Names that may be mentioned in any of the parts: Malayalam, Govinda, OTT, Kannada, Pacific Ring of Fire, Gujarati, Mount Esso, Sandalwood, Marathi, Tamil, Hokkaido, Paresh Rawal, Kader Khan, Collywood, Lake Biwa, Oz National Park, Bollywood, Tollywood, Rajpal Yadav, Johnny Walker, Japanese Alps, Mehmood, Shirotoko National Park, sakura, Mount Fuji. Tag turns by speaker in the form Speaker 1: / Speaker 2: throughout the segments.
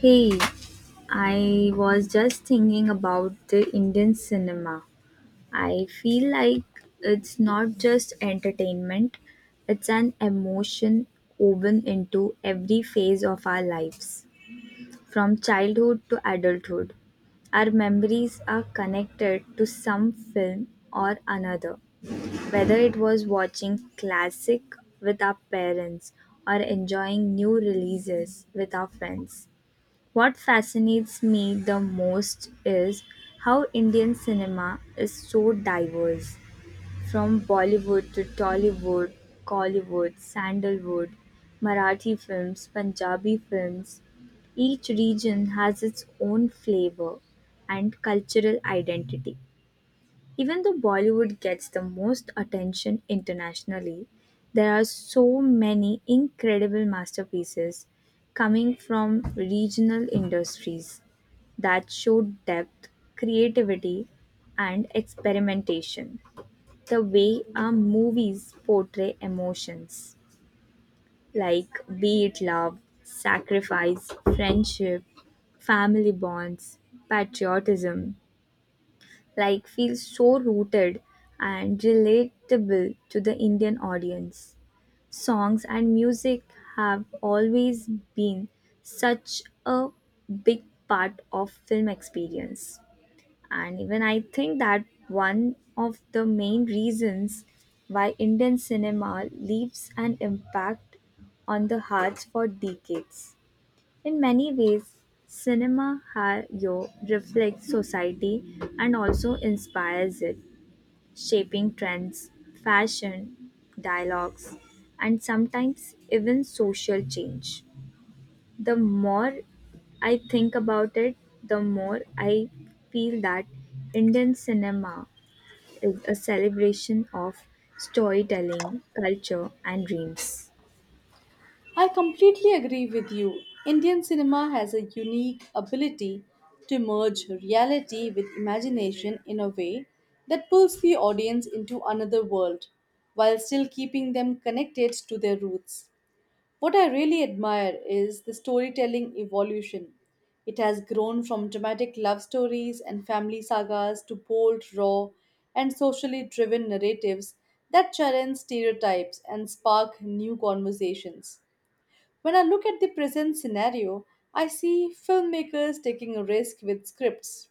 Speaker 1: Hey, I was just thinking about the Indian cinema. I feel like it's not just entertainment, it's an emotion woven into every phase of our lives, from childhood to adulthood. Our memories are connected to some film or another, whether it was watching classic with our parents or enjoying new releases with our friends. What fascinates me the most is how Indian cinema is so diverse, from Bollywood to Tollywood, Collywood, Sandalwood, Marathi films, Punjabi films. Each region has its own flavor and cultural identity. Even though Bollywood gets the most attention internationally, there are so many incredible masterpieces coming from regional industries that show depth, creativity, and experimentation. The way our movies portray emotions, like be it love, sacrifice, friendship, family bonds, patriotism, like feels so rooted and relatable to the Indian audience. Songs and music have always been such a big part of film experience. And even I think that one of the main reasons why Indian cinema leaves an impact on the hearts for decades. In many ways, cinema ha- yo reflects society and also inspires it, shaping trends, fashion, dialogues, and sometimes even social change. The more I think about it, the more I feel that Indian cinema is a celebration of storytelling, culture, and dreams.
Speaker 2: I completely agree with you. Indian cinema has a unique ability to merge reality with imagination in a way that pulls the audience into another world while still keeping them connected to their roots. What I really admire is the storytelling evolution. It has grown from dramatic love stories and family sagas to bold, raw, and socially driven narratives that challenge stereotypes and spark new conversations. When I look at the present scenario, I see filmmakers taking a risk with scripts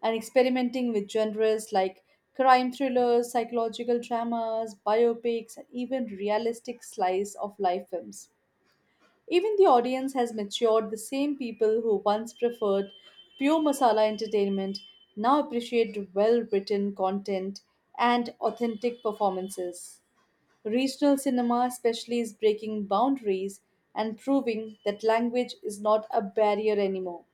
Speaker 2: and experimenting with genres like crime thrillers, psychological dramas, biopics, and even realistic slice of life films. Even the audience has matured, the same people who once preferred pure masala entertainment now appreciate well written content and authentic performances. Regional cinema, especially, is breaking boundaries and proving that language is not a barrier anymore.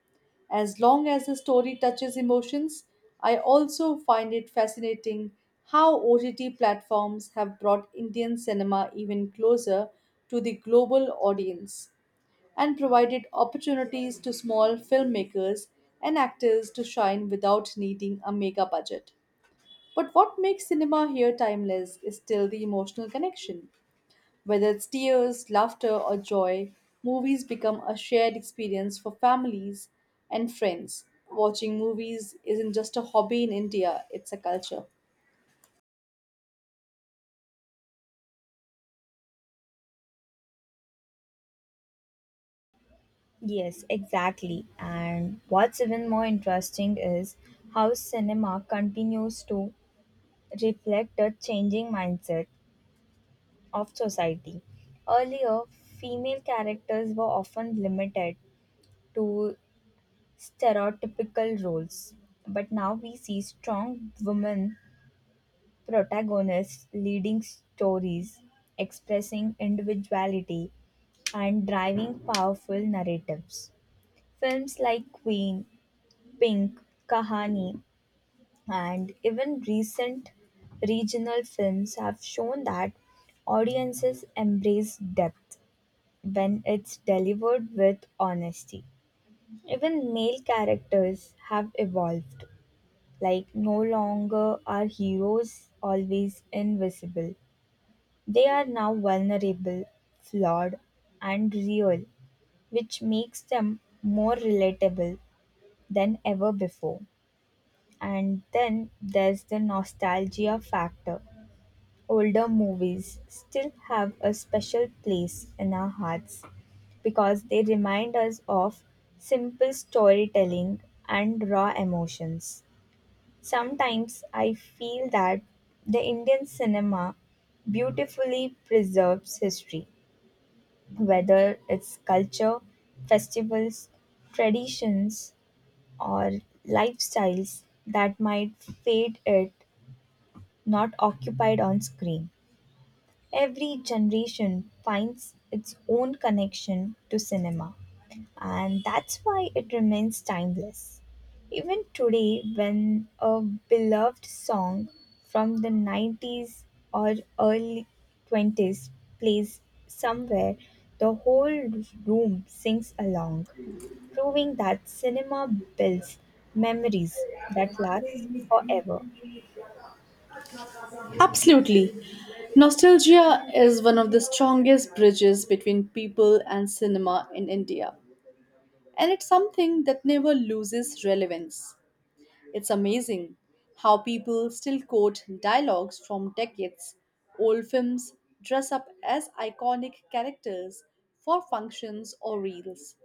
Speaker 2: As long as the story touches emotions, I also find it fascinating how OTT platforms have brought Indian cinema even closer to the global audience and provided opportunities to small filmmakers and actors to shine without needing a mega budget. But what makes cinema here timeless is still the emotional connection. Whether it's tears, laughter, or joy, movies become a shared experience for families and friends. Watching movies isn't just a hobby in India, it's a culture.
Speaker 1: Yes, exactly. And what's even more interesting is how cinema continues to reflect the changing mindset of society. Earlier, female characters were often limited to stereotypical roles, but now we see strong women protagonists leading stories, expressing individuality, and driving powerful narratives. Films like Queen, Pink, Kahani, and even recent regional films have shown that audiences embrace depth when it's delivered with honesty. Even male characters have evolved, like, no longer are heroes always invisible. They are now vulnerable, flawed, and real, which makes them more relatable than ever before. And then there's the nostalgia factor. Older movies still have a special place in our hearts because they remind us of simple storytelling and raw emotions. Sometimes I feel that the Indian cinema beautifully preserves history, whether it's culture, festivals, traditions, or lifestyles that might fade it not occupied on screen. Every generation finds its own connection to cinema, and that's why it remains timeless. Even today, when a beloved song from the 90s or early 20s plays somewhere, the whole room sings along, proving that cinema builds memories that last forever.
Speaker 2: Absolutely. Nostalgia is one of the strongest bridges between people and cinema in India, and it's something that never loses relevance. It's amazing how people still quote dialogues from decades old films, dress up as iconic characters for functions or reels,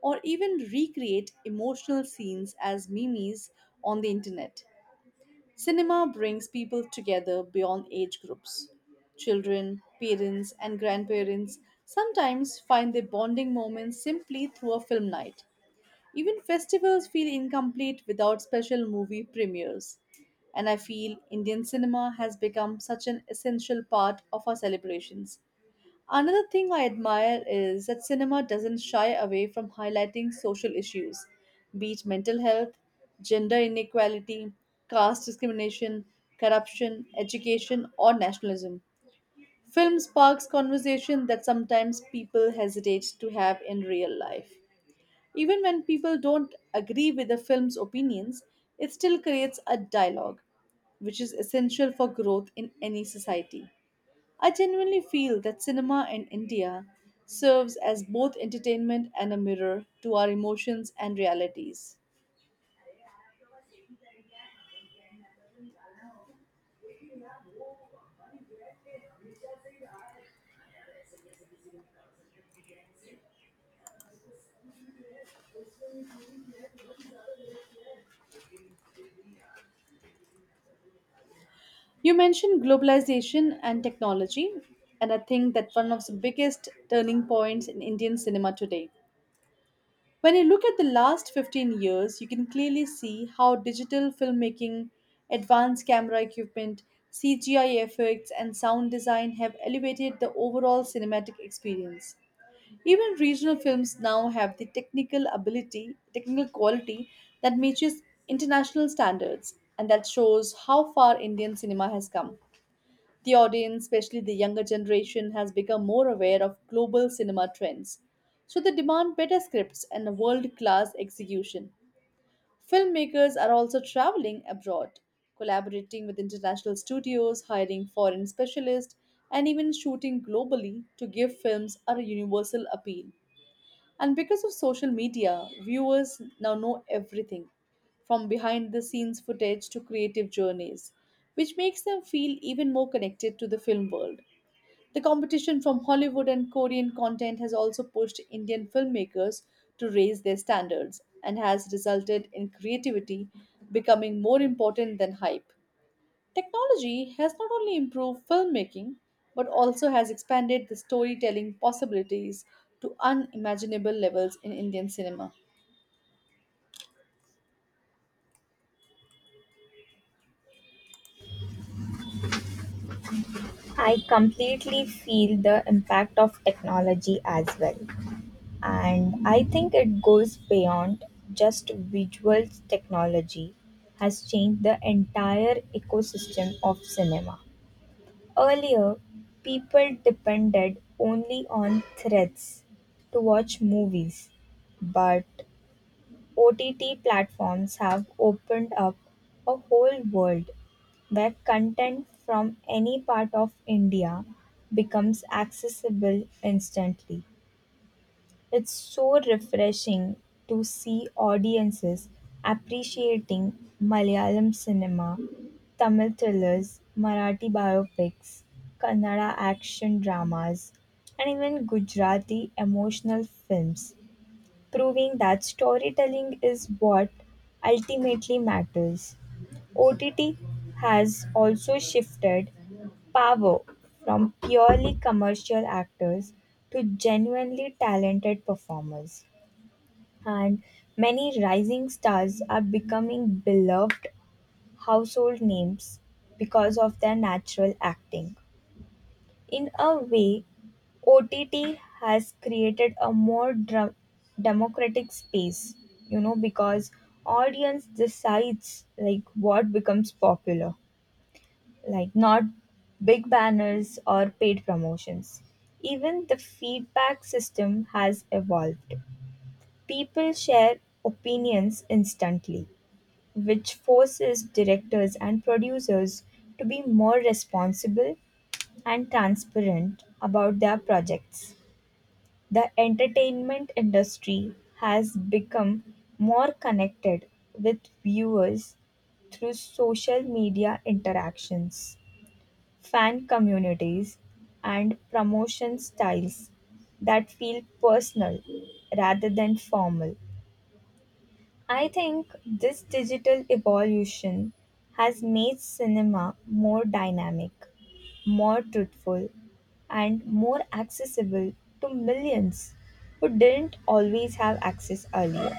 Speaker 2: or even recreate emotional scenes as memes on the internet. Cinema brings people together beyond age groups. Children, parents, and grandparents sometimes find their bonding moments simply through a film night. Even festivals feel incomplete without special movie premieres. And I feel Indian cinema has become such an essential part of our celebrations. Another thing I admire is that cinema doesn't shy away from highlighting social issues, be it mental health, gender inequality, caste discrimination, corruption, education, or nationalism. Film sparks conversation that sometimes people hesitate to have in real life. Even when people don't agree with the film's opinions, it still creates a dialogue, which is essential for growth in any society. I genuinely feel that cinema in India serves as both entertainment and a mirror to our emotions and realities. You mentioned globalization and technology, and I think that one of the biggest turning points in Indian cinema today. When you look at the last 15 years, you can clearly see how digital filmmaking, advanced camera equipment, CGI effects, and sound design have elevated the overall cinematic experience. Even regional films now have the technical ability, technical quality that matches international standards, and that shows how far Indian cinema has come. The audience, especially the younger generation, has become more aware of global cinema trends. So they demand better scripts and world class execution. Filmmakers are also traveling abroad, collaborating with international studios, hiring foreign specialists, and even shooting globally to give films a universal appeal. And because of social media, viewers now know everything from behind the scenes footage to creative journeys, which makes them feel even more connected to the film world. The competition from Hollywood and Korean content has also pushed Indian filmmakers to raise their standards and has resulted in creativity becoming more important than hype. Technology has not only improved filmmaking but also has expanded the storytelling possibilities to unimaginable levels in Indian cinema.
Speaker 1: I completely feel the impact of technology as well. And I think it goes beyond just visual. Technology has changed the entire ecosystem of cinema. Earlier, people depended only on threads to watch movies, but OTT platforms have opened up a whole world where content from any part of India becomes accessible instantly. It's so refreshing to see audiences appreciating Malayalam cinema, Tamil thrillers, Marathi biopics, Kannada action dramas, and even Gujarati emotional films, proving that storytelling is what ultimately matters. OTT has also shifted power from purely commercial actors to genuinely talented performers. And many rising stars are becoming beloved household names because of their natural acting. In a way, OTT has created a more democratic space, you know, because audience decides like what becomes popular, like not big banners or paid promotions. Even the feedback system has evolved. People share opinions instantly, which forces directors and producers to be more responsible and transparent about their projects. The entertainment industry has become more connected with viewers through social media interactions, fan communities, and promotion styles that feel personal rather than formal. I think this digital evolution has made cinema more dynamic, more truthful, and more accessible to millions who didn't always have access earlier.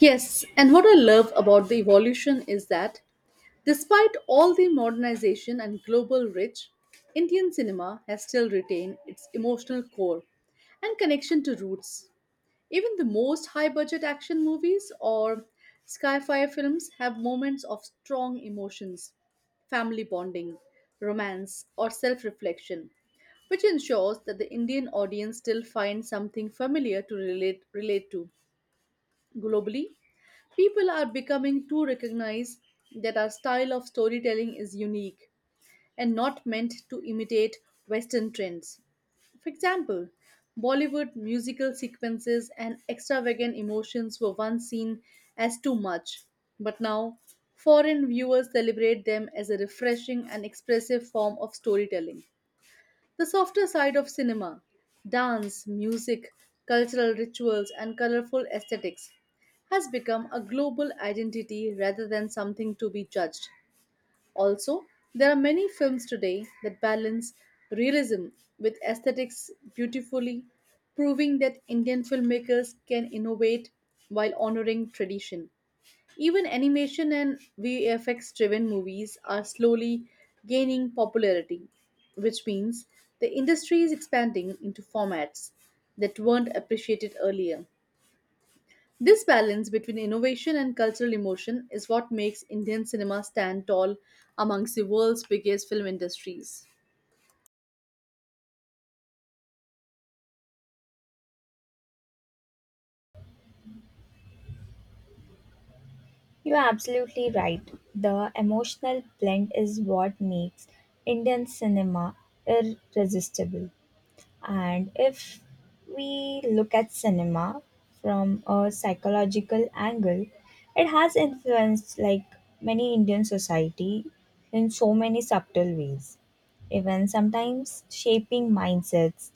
Speaker 2: Yes, and what I love about the evolution is that despite all the modernization and global reach, Indian cinema has still retained its emotional core and connection to roots. Even the most high budget action movies or sci-fi films have moments of strong emotions, family bonding, romance, or self-reflection, which ensures that the Indian audience still finds something familiar to relate to. Globally, people are becoming to recognize that our style of storytelling is unique and not meant to imitate Western trends. For example, Bollywood musical sequences and extravagant emotions were once seen as too much, but now foreign viewers celebrate them as a refreshing and expressive form of storytelling. The softer side of cinema dance, music, cultural rituals, and colorful aesthetics has become a global identity rather than something to be judged. Also, there are many films today that balance realism with aesthetics beautifully, proving that Indian filmmakers can innovate while honoring tradition. Even animation and VFX driven movies are slowly gaining popularity, which means the industry is expanding into formats that weren't appreciated earlier. This balance between innovation and cultural emotion is what makes Indian cinema stand tall amongst the world's biggest film industries.
Speaker 1: You're absolutely right. The emotional blend is what makes Indian cinema irresistible. And if we look at cinema from a psychological angle, it has influenced like many Indian society in so many subtle ways, even sometimes shaping mindsets,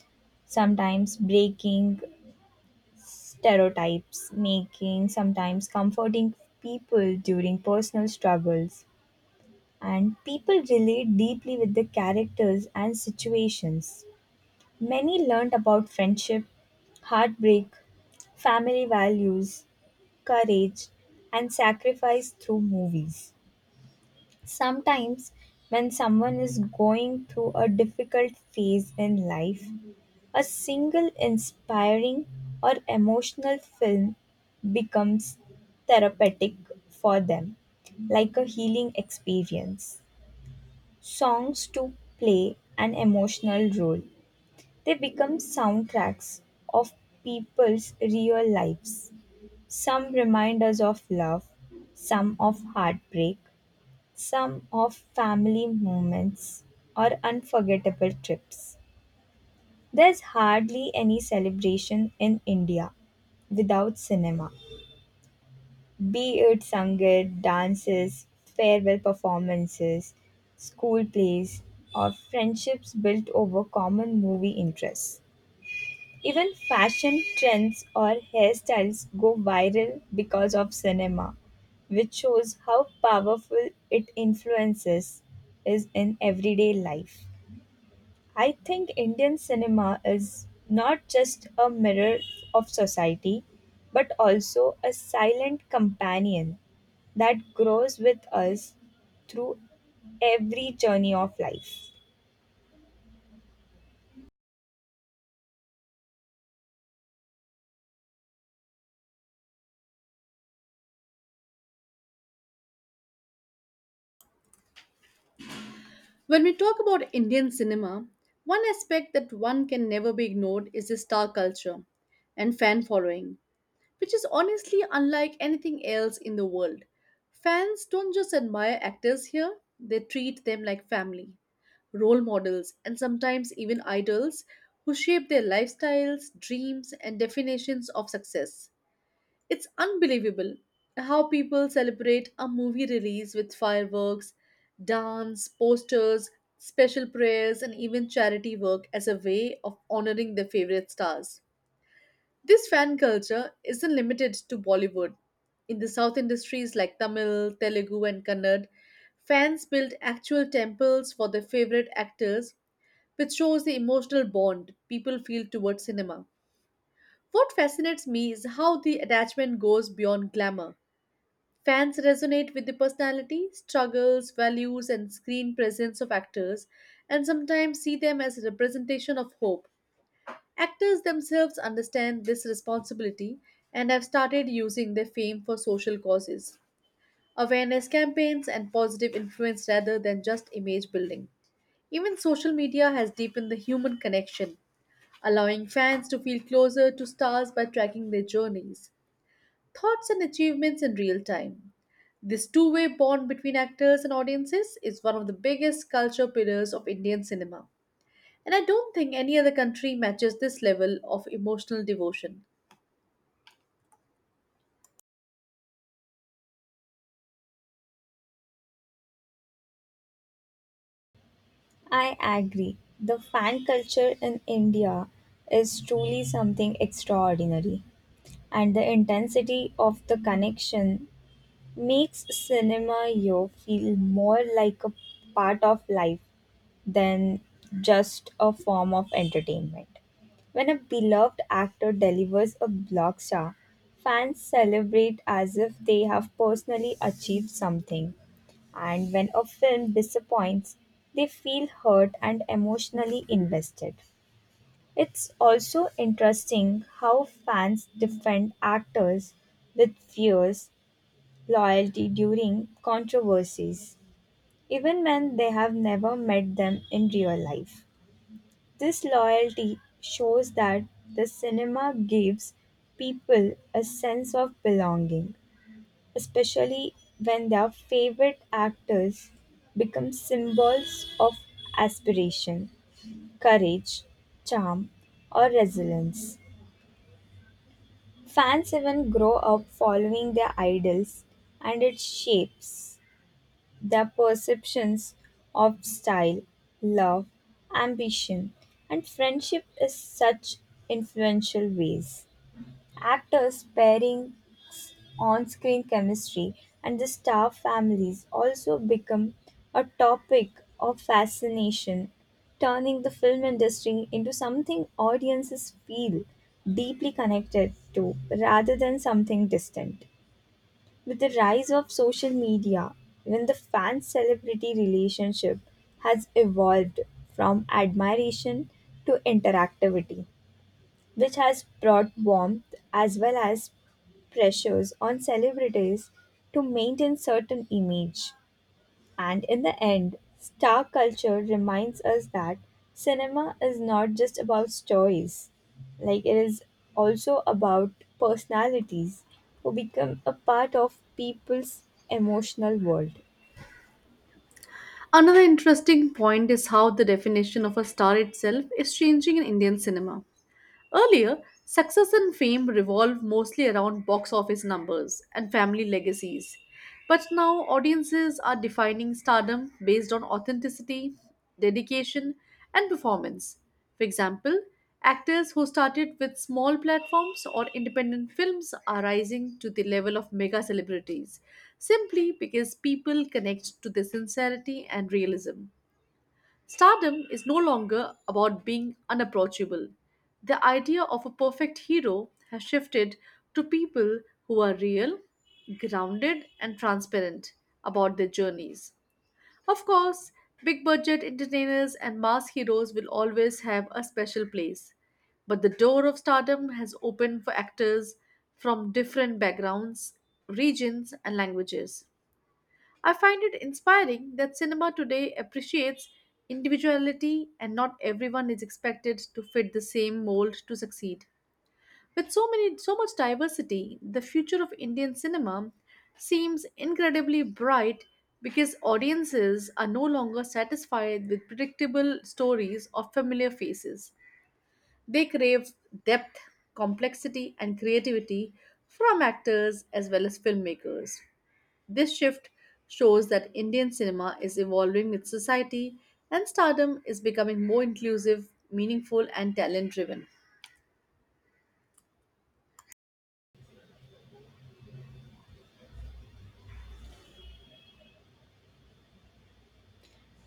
Speaker 1: sometimes breaking stereotypes, making sometimes comforting people during personal struggles. And people relate deeply with the characters and situations. Many learned about friendship, heartbreak, family values, courage, and sacrifice through movies. Sometimes, when someone is going through a difficult phase in life, a single inspiring or emotional film becomes therapeutic for them, like a healing experience. Songs too play an emotional role. They become soundtracks of people's real lives. Some remind us of love, some of heartbreak, some of family moments or unforgettable trips. There's hardly any celebration in India without cinema, be it Sangeet, dances, farewell performances, school plays, or friendships built over common movie interests. Even fashion trends or hairstyles go viral because of cinema, which shows how powerful it influences is in everyday life. I think Indian cinema is not just a mirror of society, but also a silent companion that grows with us through every journey of life.
Speaker 2: When we talk about Indian cinema, one aspect that one can never be ignored is the star culture and fan following, which is honestly unlike anything else in the world. Fans don't just admire actors here, they treat them like family, role models, and sometimes even idols who shape their lifestyles, dreams, and definitions of success. It's unbelievable how people celebrate a movie release with fireworks, dance, posters, special prayers, and even charity work as a way of honoring their favorite stars. This fan culture isn't limited to Bollywood. In the South industries like Tamil, Telugu, and Kannad, fans build actual temples for their favorite actors, which shows the emotional bond people feel towards cinema. What fascinates me is how the attachment goes beyond glamour. Fans resonate with the personality, struggles, values, and screen presence of actors, and sometimes see them as a representation of hope. Actors themselves understand this responsibility and have started using their fame for social causes, awareness campaigns, and positive influence rather than just image building. Even social media has deepened the human connection, allowing fans to feel closer to stars by tracking their journeys, thoughts, and achievements in real time. This two-way bond between actors and audiences is one of the biggest culture pillars of Indian cinema. And I don't think any other country matches this level of emotional devotion.
Speaker 1: I agree. The fan culture in India is truly something extraordinary, and the intensity of the connection makes cinema you feel more like a part of life than just a form of entertainment. When a beloved actor delivers a blockbuster, fans celebrate as if they have personally achieved something. And when a film disappoints, they feel hurt and emotionally invested. It's also interesting how fans defend actors with fears loyalty during controversies, even when they have never met them in real life. This loyalty shows that the cinema gives people a sense of belonging, especially when their favorite actors become symbols of aspiration, courage, charm, or resilience. Fans even grow up following their idols, and it shapes their perceptions of style, love, ambition, and friendship is such influential ways. Actors' pairings, on-screen chemistry, and the star families also become a topic of fascination, turning the film industry into something audiences feel deeply connected to rather than something distant. With the rise of social media, even the fan celebrity relationship has evolved from admiration to interactivity, which has brought warmth as well as pressures on celebrities to maintain certain image. And in the end, star culture reminds us that cinema is not just about stories, like, it is also about personalities who become a part of people's emotional world.
Speaker 2: Another interesting point is how the definition of a star itself is changing in Indian cinema. Earlier, success and fame revolved mostly around box office numbers and family legacies. But now, audiences are defining stardom based on authenticity, dedication, and performance. For example, actors who started with small platforms or independent films are rising to the level of mega celebrities simply because people connect to their sincerity and realism. Stardom is no longer about being unapproachable. The idea of a perfect hero has shifted to people who are real, grounded, and transparent about their journeys. Of course, big budget entertainers and mass heroes will always have a special place, but the door of stardom has opened for actors from different backgrounds, regions, and languages. I find it inspiring that cinema today appreciates individuality and not everyone is expected to fit the same mold to succeed. With so much diversity, the future of Indian cinema seems incredibly bright because audiences are no longer satisfied with predictable stories or familiar faces. They crave depth, complexity and creativity from actors as well as filmmakers. This shift shows that Indian cinema is evolving with society and stardom is becoming more inclusive, meaningful, and talent driven.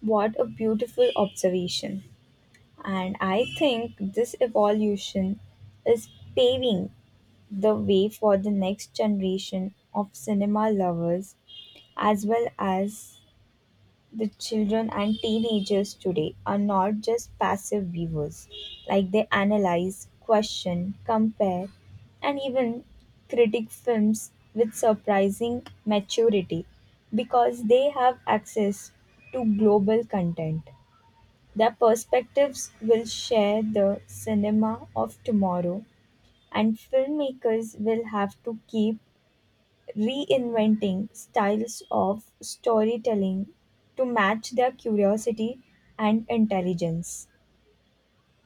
Speaker 1: What a beautiful observation! And I think this evolution is paving the way for the next generation of cinema lovers as well as the children and teenagers today are not just passive viewers, like they analyze, question, compare, and even critique films with surprising maturity because they have access to global content. Their perspectives will share the cinema of tomorrow, and filmmakers will have to keep reinventing styles of storytelling to match their curiosity and intelligence.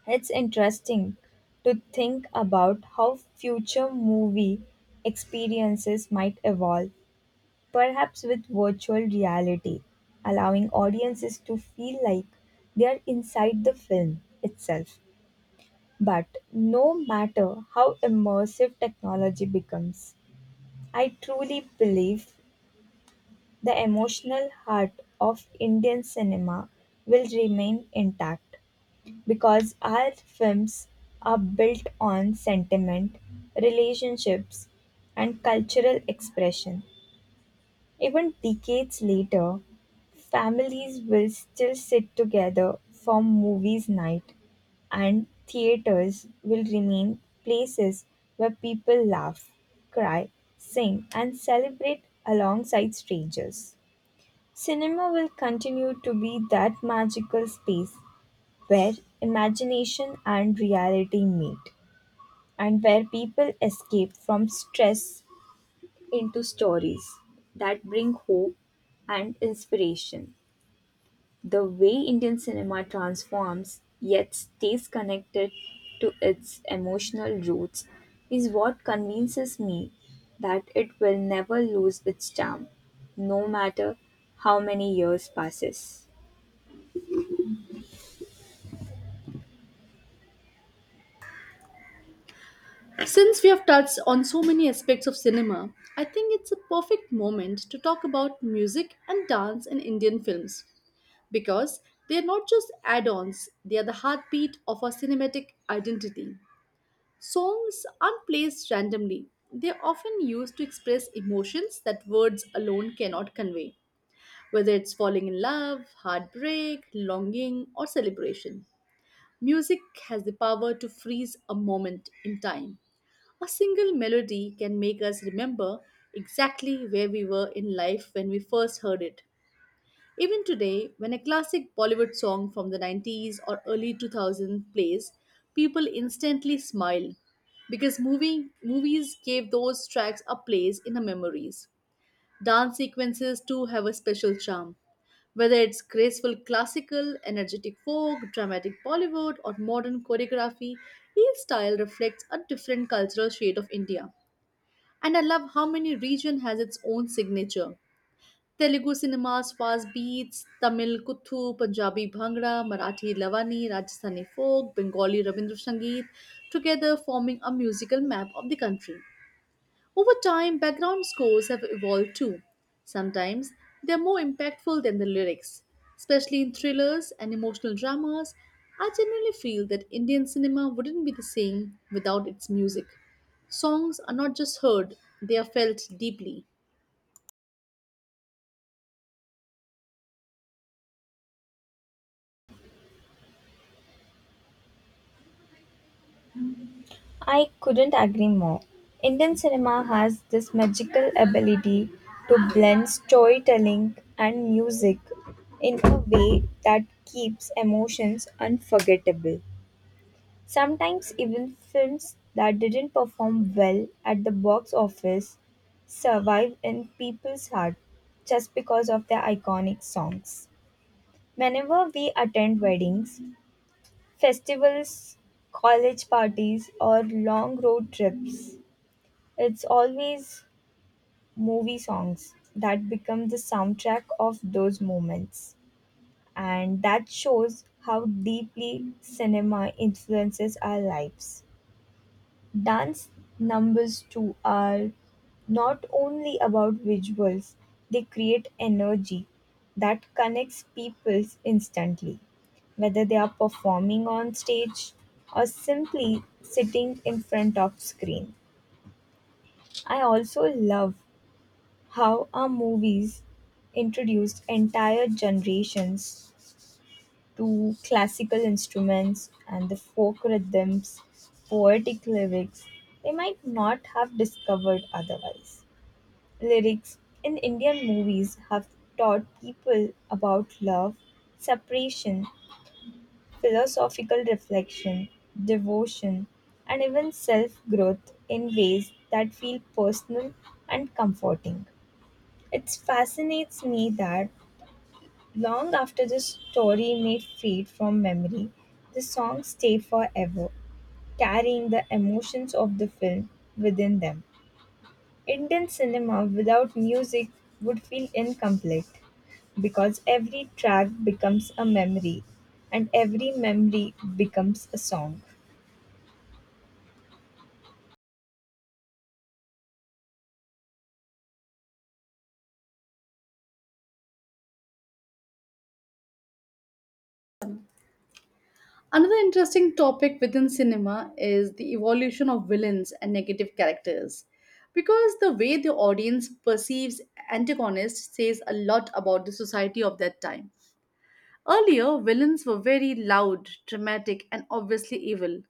Speaker 1: It's interesting to think about how future movie experiences might evolve, perhaps with virtual reality, allowing audiences to feel like they are inside the film itself. But no matter how immersive technology becomes, I truly believe the emotional heart of Indian cinema will remain intact because our films are built on sentiment, relationships, and cultural expression. Even decades later, families will still sit together for movies night, and theaters will remain places where people laugh, cry, sing, and celebrate alongside strangers. Cinema will continue to be that magical space where imagination and reality meet, and where people escape from stress into stories that bring hope and inspiration. The way Indian cinema transforms yet stays connected to its emotional roots is what convinces me that it will never lose its charm, no matter how many years passes.
Speaker 2: Since we have touched on so many aspects of cinema, I think it's a perfect moment to talk about music and dance in Indian films because they are not just add ons, they are the heartbeat of our cinematic identity. Songs aren't placed randomly, they are often used to express emotions that words alone cannot convey, whether it's falling in love, heartbreak, longing, or celebration. Music has the power to freeze a moment in time. A single melody can make us remember exactly where we were in life when we first heard it. Even today, when a classic Bollywood song from the 90s or early 2000s plays, people instantly smile because movies gave those tracks a place in our memories. Dance sequences too have a special charm. Whether it's graceful classical, energetic folk, dramatic Bollywood, or modern choreography, each style reflects a different cultural shade of India. And I love how many region has its own signature. Telugu cinema's fast beats, Tamil kuthu, Punjabi bhangra, Marathi lavani, Rajasthani folk, Bengali Rabindra Sangeet, together forming a musical map of the country. Over time, background scores have evolved too. Sometimes they're more impactful than the lyrics, especially in thrillers and emotional dramas. I genuinely feel that Indian cinema wouldn't be the same without its music. Songs are not just heard, they are felt deeply.
Speaker 1: I couldn't agree more. Indian cinema has this magical ability to blend storytelling and music in a way that keeps emotions unforgettable. Sometimes, even films that didn't perform well at the box office survive in people's heart just because of their iconic songs. Whenever we attend weddings, festivals, college parties, or long road trips, it's always movie songs that become the soundtrack of those moments. And that shows how deeply cinema influences our lives. Dance numbers, too, are not only about visuals, they create energy that connects people instantly, whether they are performing on stage or simply sitting in front of screen. I also love how our movies introduced entire generations to classical instruments and the folk rhythms, poetic lyrics they might not have discovered otherwise. Lyrics in Indian movies have taught people about love, separation, philosophical reflection, devotion, and even self growth in ways that feel personal and comforting. It fascinates me that long after the story may fade from memory, the songs stay forever, carrying the emotions of the film within them. Indian cinema without music would feel incomplete because every track becomes a memory and every memory becomes a song.
Speaker 2: Another interesting topic within cinema is the evolution of villains and negative characters, because the way the audience perceives antagonists says a lot about the society of that time. Earlier, villains were very loud, dramatic, and obviously evil.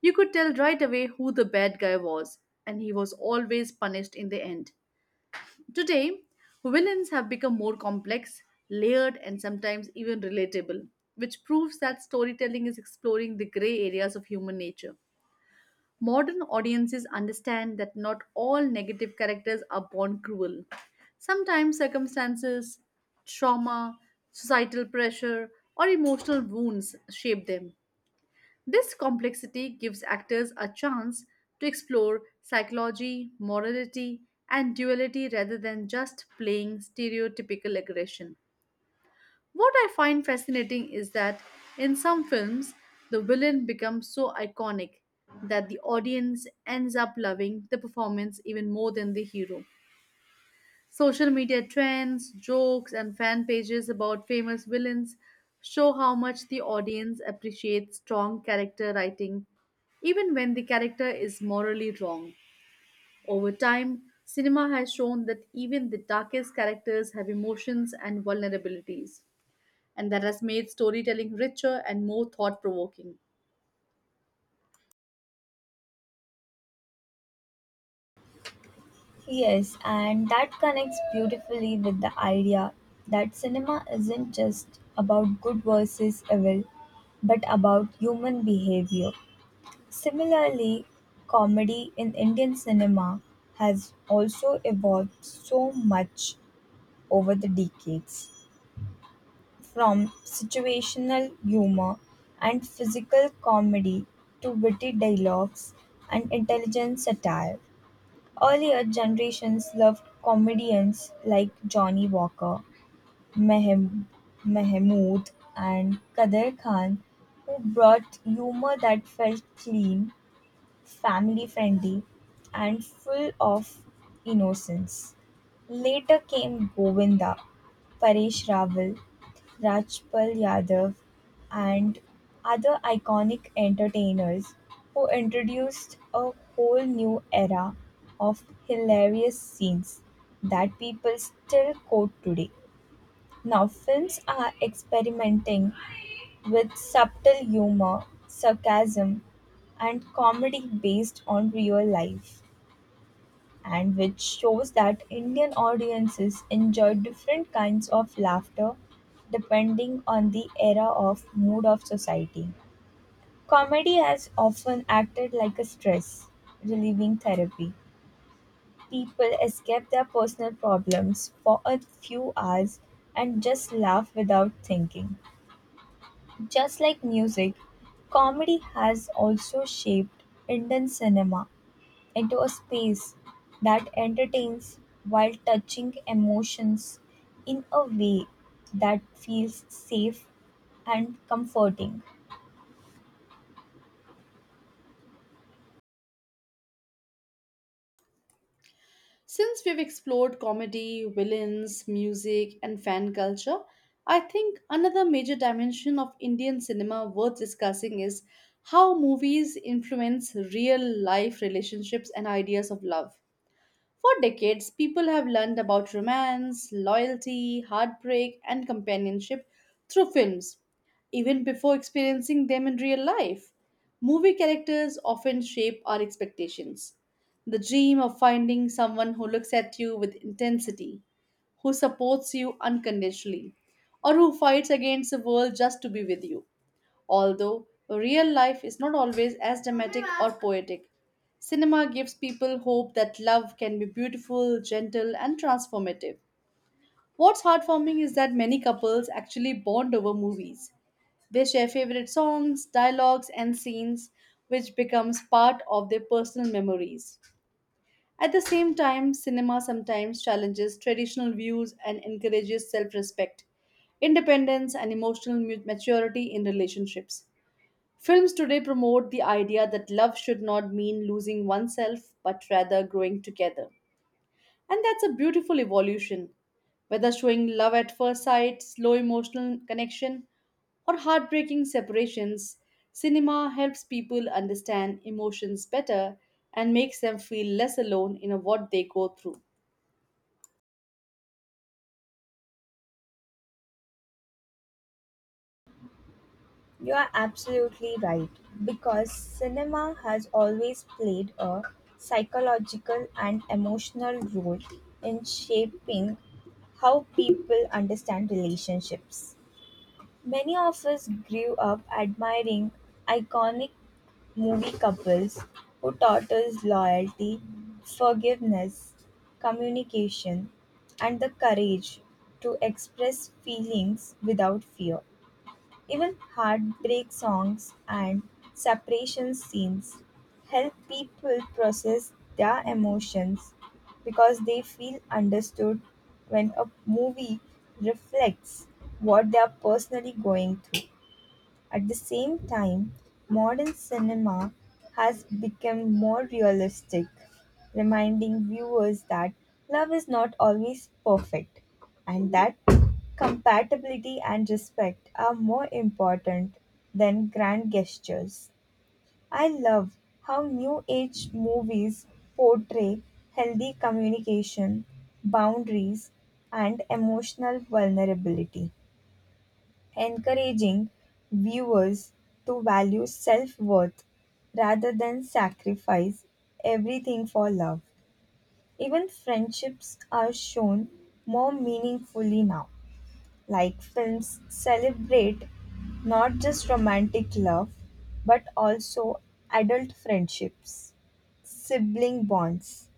Speaker 2: You could tell right away who the bad guy was, and he was always punished in the end. Today, villains have become more complex, layered, and sometimes even relatable, which proves that storytelling is exploring the gray areas of human nature. Modern audiences understand that not all negative characters are born cruel. Sometimes circumstances, trauma, societal pressure, or emotional wounds shape them. This complexity gives actors a chance to explore psychology, morality, and duality rather than just playing stereotypical aggression. What I find fascinating is that in some films, the villain becomes so iconic that the audience ends up loving the performance even more than the hero. Social media trends, jokes, and fan pages about famous villains show how much the audience appreciates strong character writing, even when the character is morally wrong. Over time, cinema has shown that even the darkest characters have emotions and vulnerabilities and that has made storytelling richer and more thought provoking.
Speaker 1: Yes, and that connects beautifully with the idea that cinema isn't just about good versus evil, but about human behavior. Similarly, comedy in Indian cinema has also evolved so much over the decades, from situational humor and physical comedy to witty dialogues and intelligent satire. Earlier generations loved comedians like Johnny Walker, Mehem- Mehmood, and Kader Khan, who brought humor that felt clean, family-friendly, and full of innocence. Later came Govinda, Paresh Rawal, Rajpal Yadav, and other iconic entertainers who introduced a whole new era of hilarious scenes that people still quote today. Now, films are experimenting with subtle humor, sarcasm, and comedy based on real life, and which shows that Indian audiences enjoy different kinds of laughter depending on the era of mood of society. Comedy has often acted like a stress relieving therapy. People escape their personal problems for a few hours and just laugh without thinking. Just like music, comedy has also shaped Indian cinema into a space that entertains while touching emotions in a way that feels safe and comforting.
Speaker 2: Since we've explored comedy, villains, music, and fan culture, I think another major dimension of Indian cinema worth discussing is how movies influence real life relationships and ideas of love. For decades, people have learned about romance, loyalty, heartbreak, and companionship through films, even before experiencing them in real life. Movie characters often shape our expectations. The dream of finding someone who looks at you with intensity, who supports you unconditionally, or who fights against the world just to be with you. Although real life is not always as dramatic or poetic, cinema gives people hope that love can be beautiful, gentle, and transformative. What's heartwarming is that many couples actually bond over movies. They share favorite songs, dialogues, and scenes, which becomes part of their personal memories. At the same time, cinema sometimes challenges traditional views and encourages self respect, independence, and emotional maturity in relationships. Films today promote the idea that love should not mean losing oneself, but rather growing together. And that's a beautiful evolution. Whether showing love at first sight, slow emotional connection, or heartbreaking separations, cinema helps people understand emotions better and makes them feel less alone in what they go through.
Speaker 1: You are absolutely right because cinema has always played a psychological and emotional role in shaping how people understand relationships. Many of us grew up admiring iconic movie couples who taught us loyalty, forgiveness, communication, and the courage to express feelings without fear. Even heartbreak songs and separation scenes help people process their emotions because they feel understood when a movie reflects what they are personally going through. At the same time, modern cinema has become more realistic, reminding viewers that love is not always perfect and that compatibility and respect are more important than grand gestures. I love how new age movies portray healthy communication, boundaries, and emotional vulnerability, encouraging viewers to value self-worth rather than sacrifice everything for love. Even friendships are shown more meaningfully now. Like films celebrate not just romantic love, but also adult friendships, sibling bonds,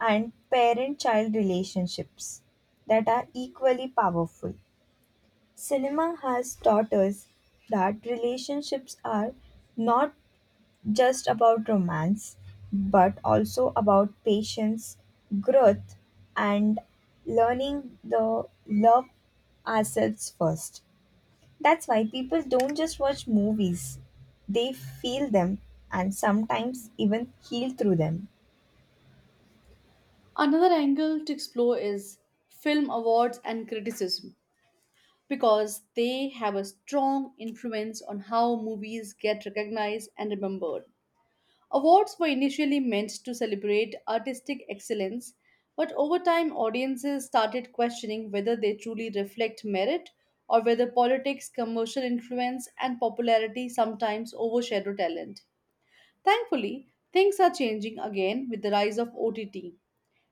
Speaker 1: and parent child relationships that are equally powerful. Cinema has taught us that relationships are not just about romance, but also about patience, growth, and learning the love ourselves first. That's why people don't just watch movies, they feel them and sometimes even heal through them.
Speaker 2: Another angle to explore is film awards and criticism, because they have a strong influence on how movies get recognized and remembered. Awards were initially meant to celebrate artistic excellence, but over time, audiences started questioning whether they truly reflect merit or whether politics, commercial influence, and popularity sometimes overshadow talent. Thankfully, things are changing again with the rise of OTT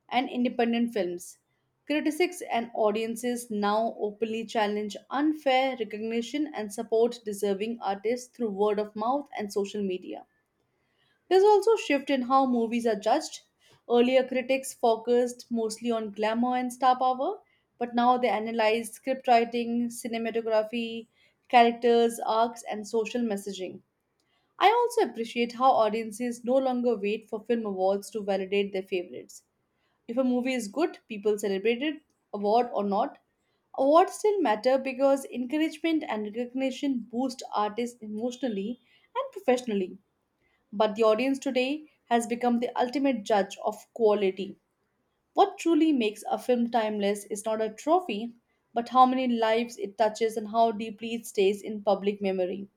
Speaker 2: and independent films. Critics and audiences now openly challenge unfair recognition and support deserving artists through word of mouth and social media. There's also a shift in how movies are judged. Earlier, critics focused mostly on glamour and star power, but now they analyze script writing, cinematography, characters, arcs, and social messaging. I also appreciate how audiences no longer wait for film awards to validate their favorites. If a movie is good, people celebrate it, award or not. Awards still matter because encouragement and recognition boost artists emotionally and professionally. But the audience today has become the ultimate judge of quality. What truly makes a film timeless is not a trophy, but how many lives it touches and how deeply it stays in public memory.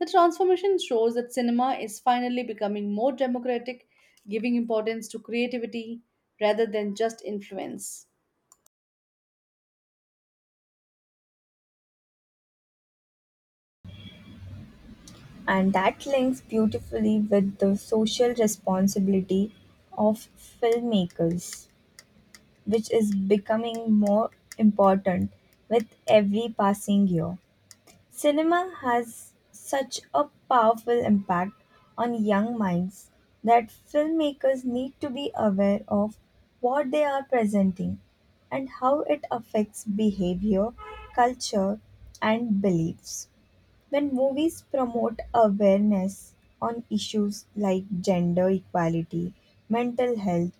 Speaker 2: The transformation shows that cinema is finally becoming more democratic, giving importance to creativity rather than just influence.
Speaker 1: And that links beautifully with the social responsibility of filmmakers, which is becoming more important with every passing year. Cinema has such a powerful impact on young minds that filmmakers need to be aware of what they are presenting and how it affects behavior, culture, and beliefs. When movies promote awareness on issues like gender equality, mental health,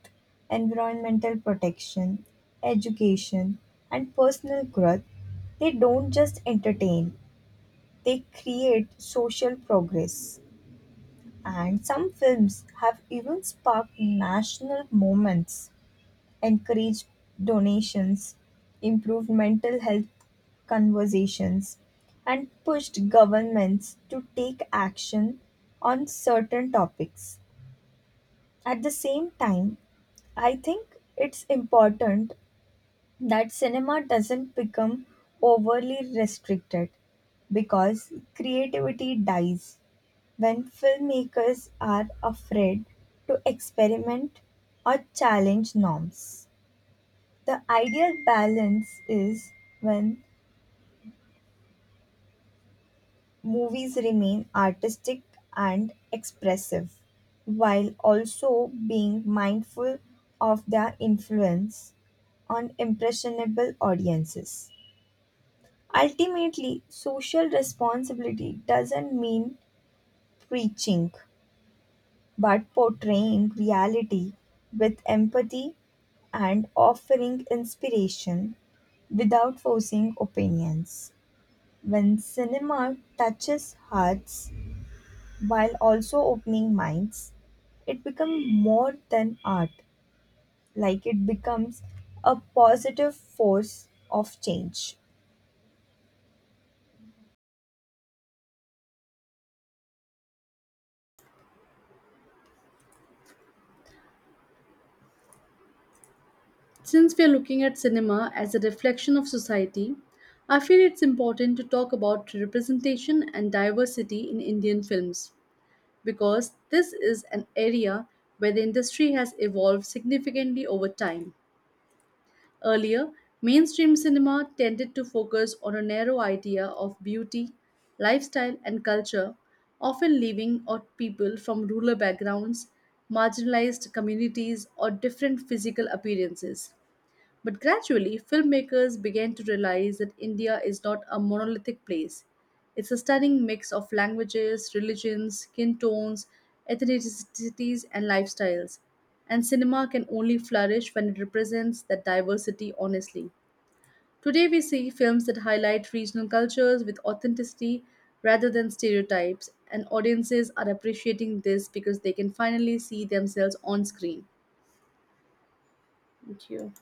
Speaker 1: environmental protection, education, and personal growth, they don't just entertain, they create social progress. And some films have even sparked national moments, encouraged donations, improved mental health conversations, and pushed governments to take action on certain topics. At the same time, I think it's important that cinema doesn't become overly restricted because creativity dies when filmmakers are afraid to experiment or challenge norms. The ideal balance is when movies remain artistic and expressive, while also being mindful of their influence on impressionable audiences. Ultimately, social responsibility doesn't mean preaching, but portraying reality with empathy and offering inspiration without forcing opinions. When cinema touches hearts while also opening minds, it becomes more than art, like it becomes a positive force of change.
Speaker 2: Since we are looking at cinema as a reflection of society, I feel it's important to talk about representation and diversity in Indian films because this is an area where the industry has evolved significantly over time. Earlier, mainstream cinema tended to focus on a narrow idea of beauty, lifestyle, and culture, often leaving out people from rural backgrounds, marginalized communities, or different physical appearances. But gradually, filmmakers began to realize that India is not a monolithic place. It's a stunning mix of languages, religions, skin tones, ethnicities, and lifestyles. And cinema can only flourish when it represents that diversity honestly. Today, we see films that highlight regional cultures with authenticity rather than stereotypes, and audiences are appreciating this because they can finally see themselves on screen. Thank you.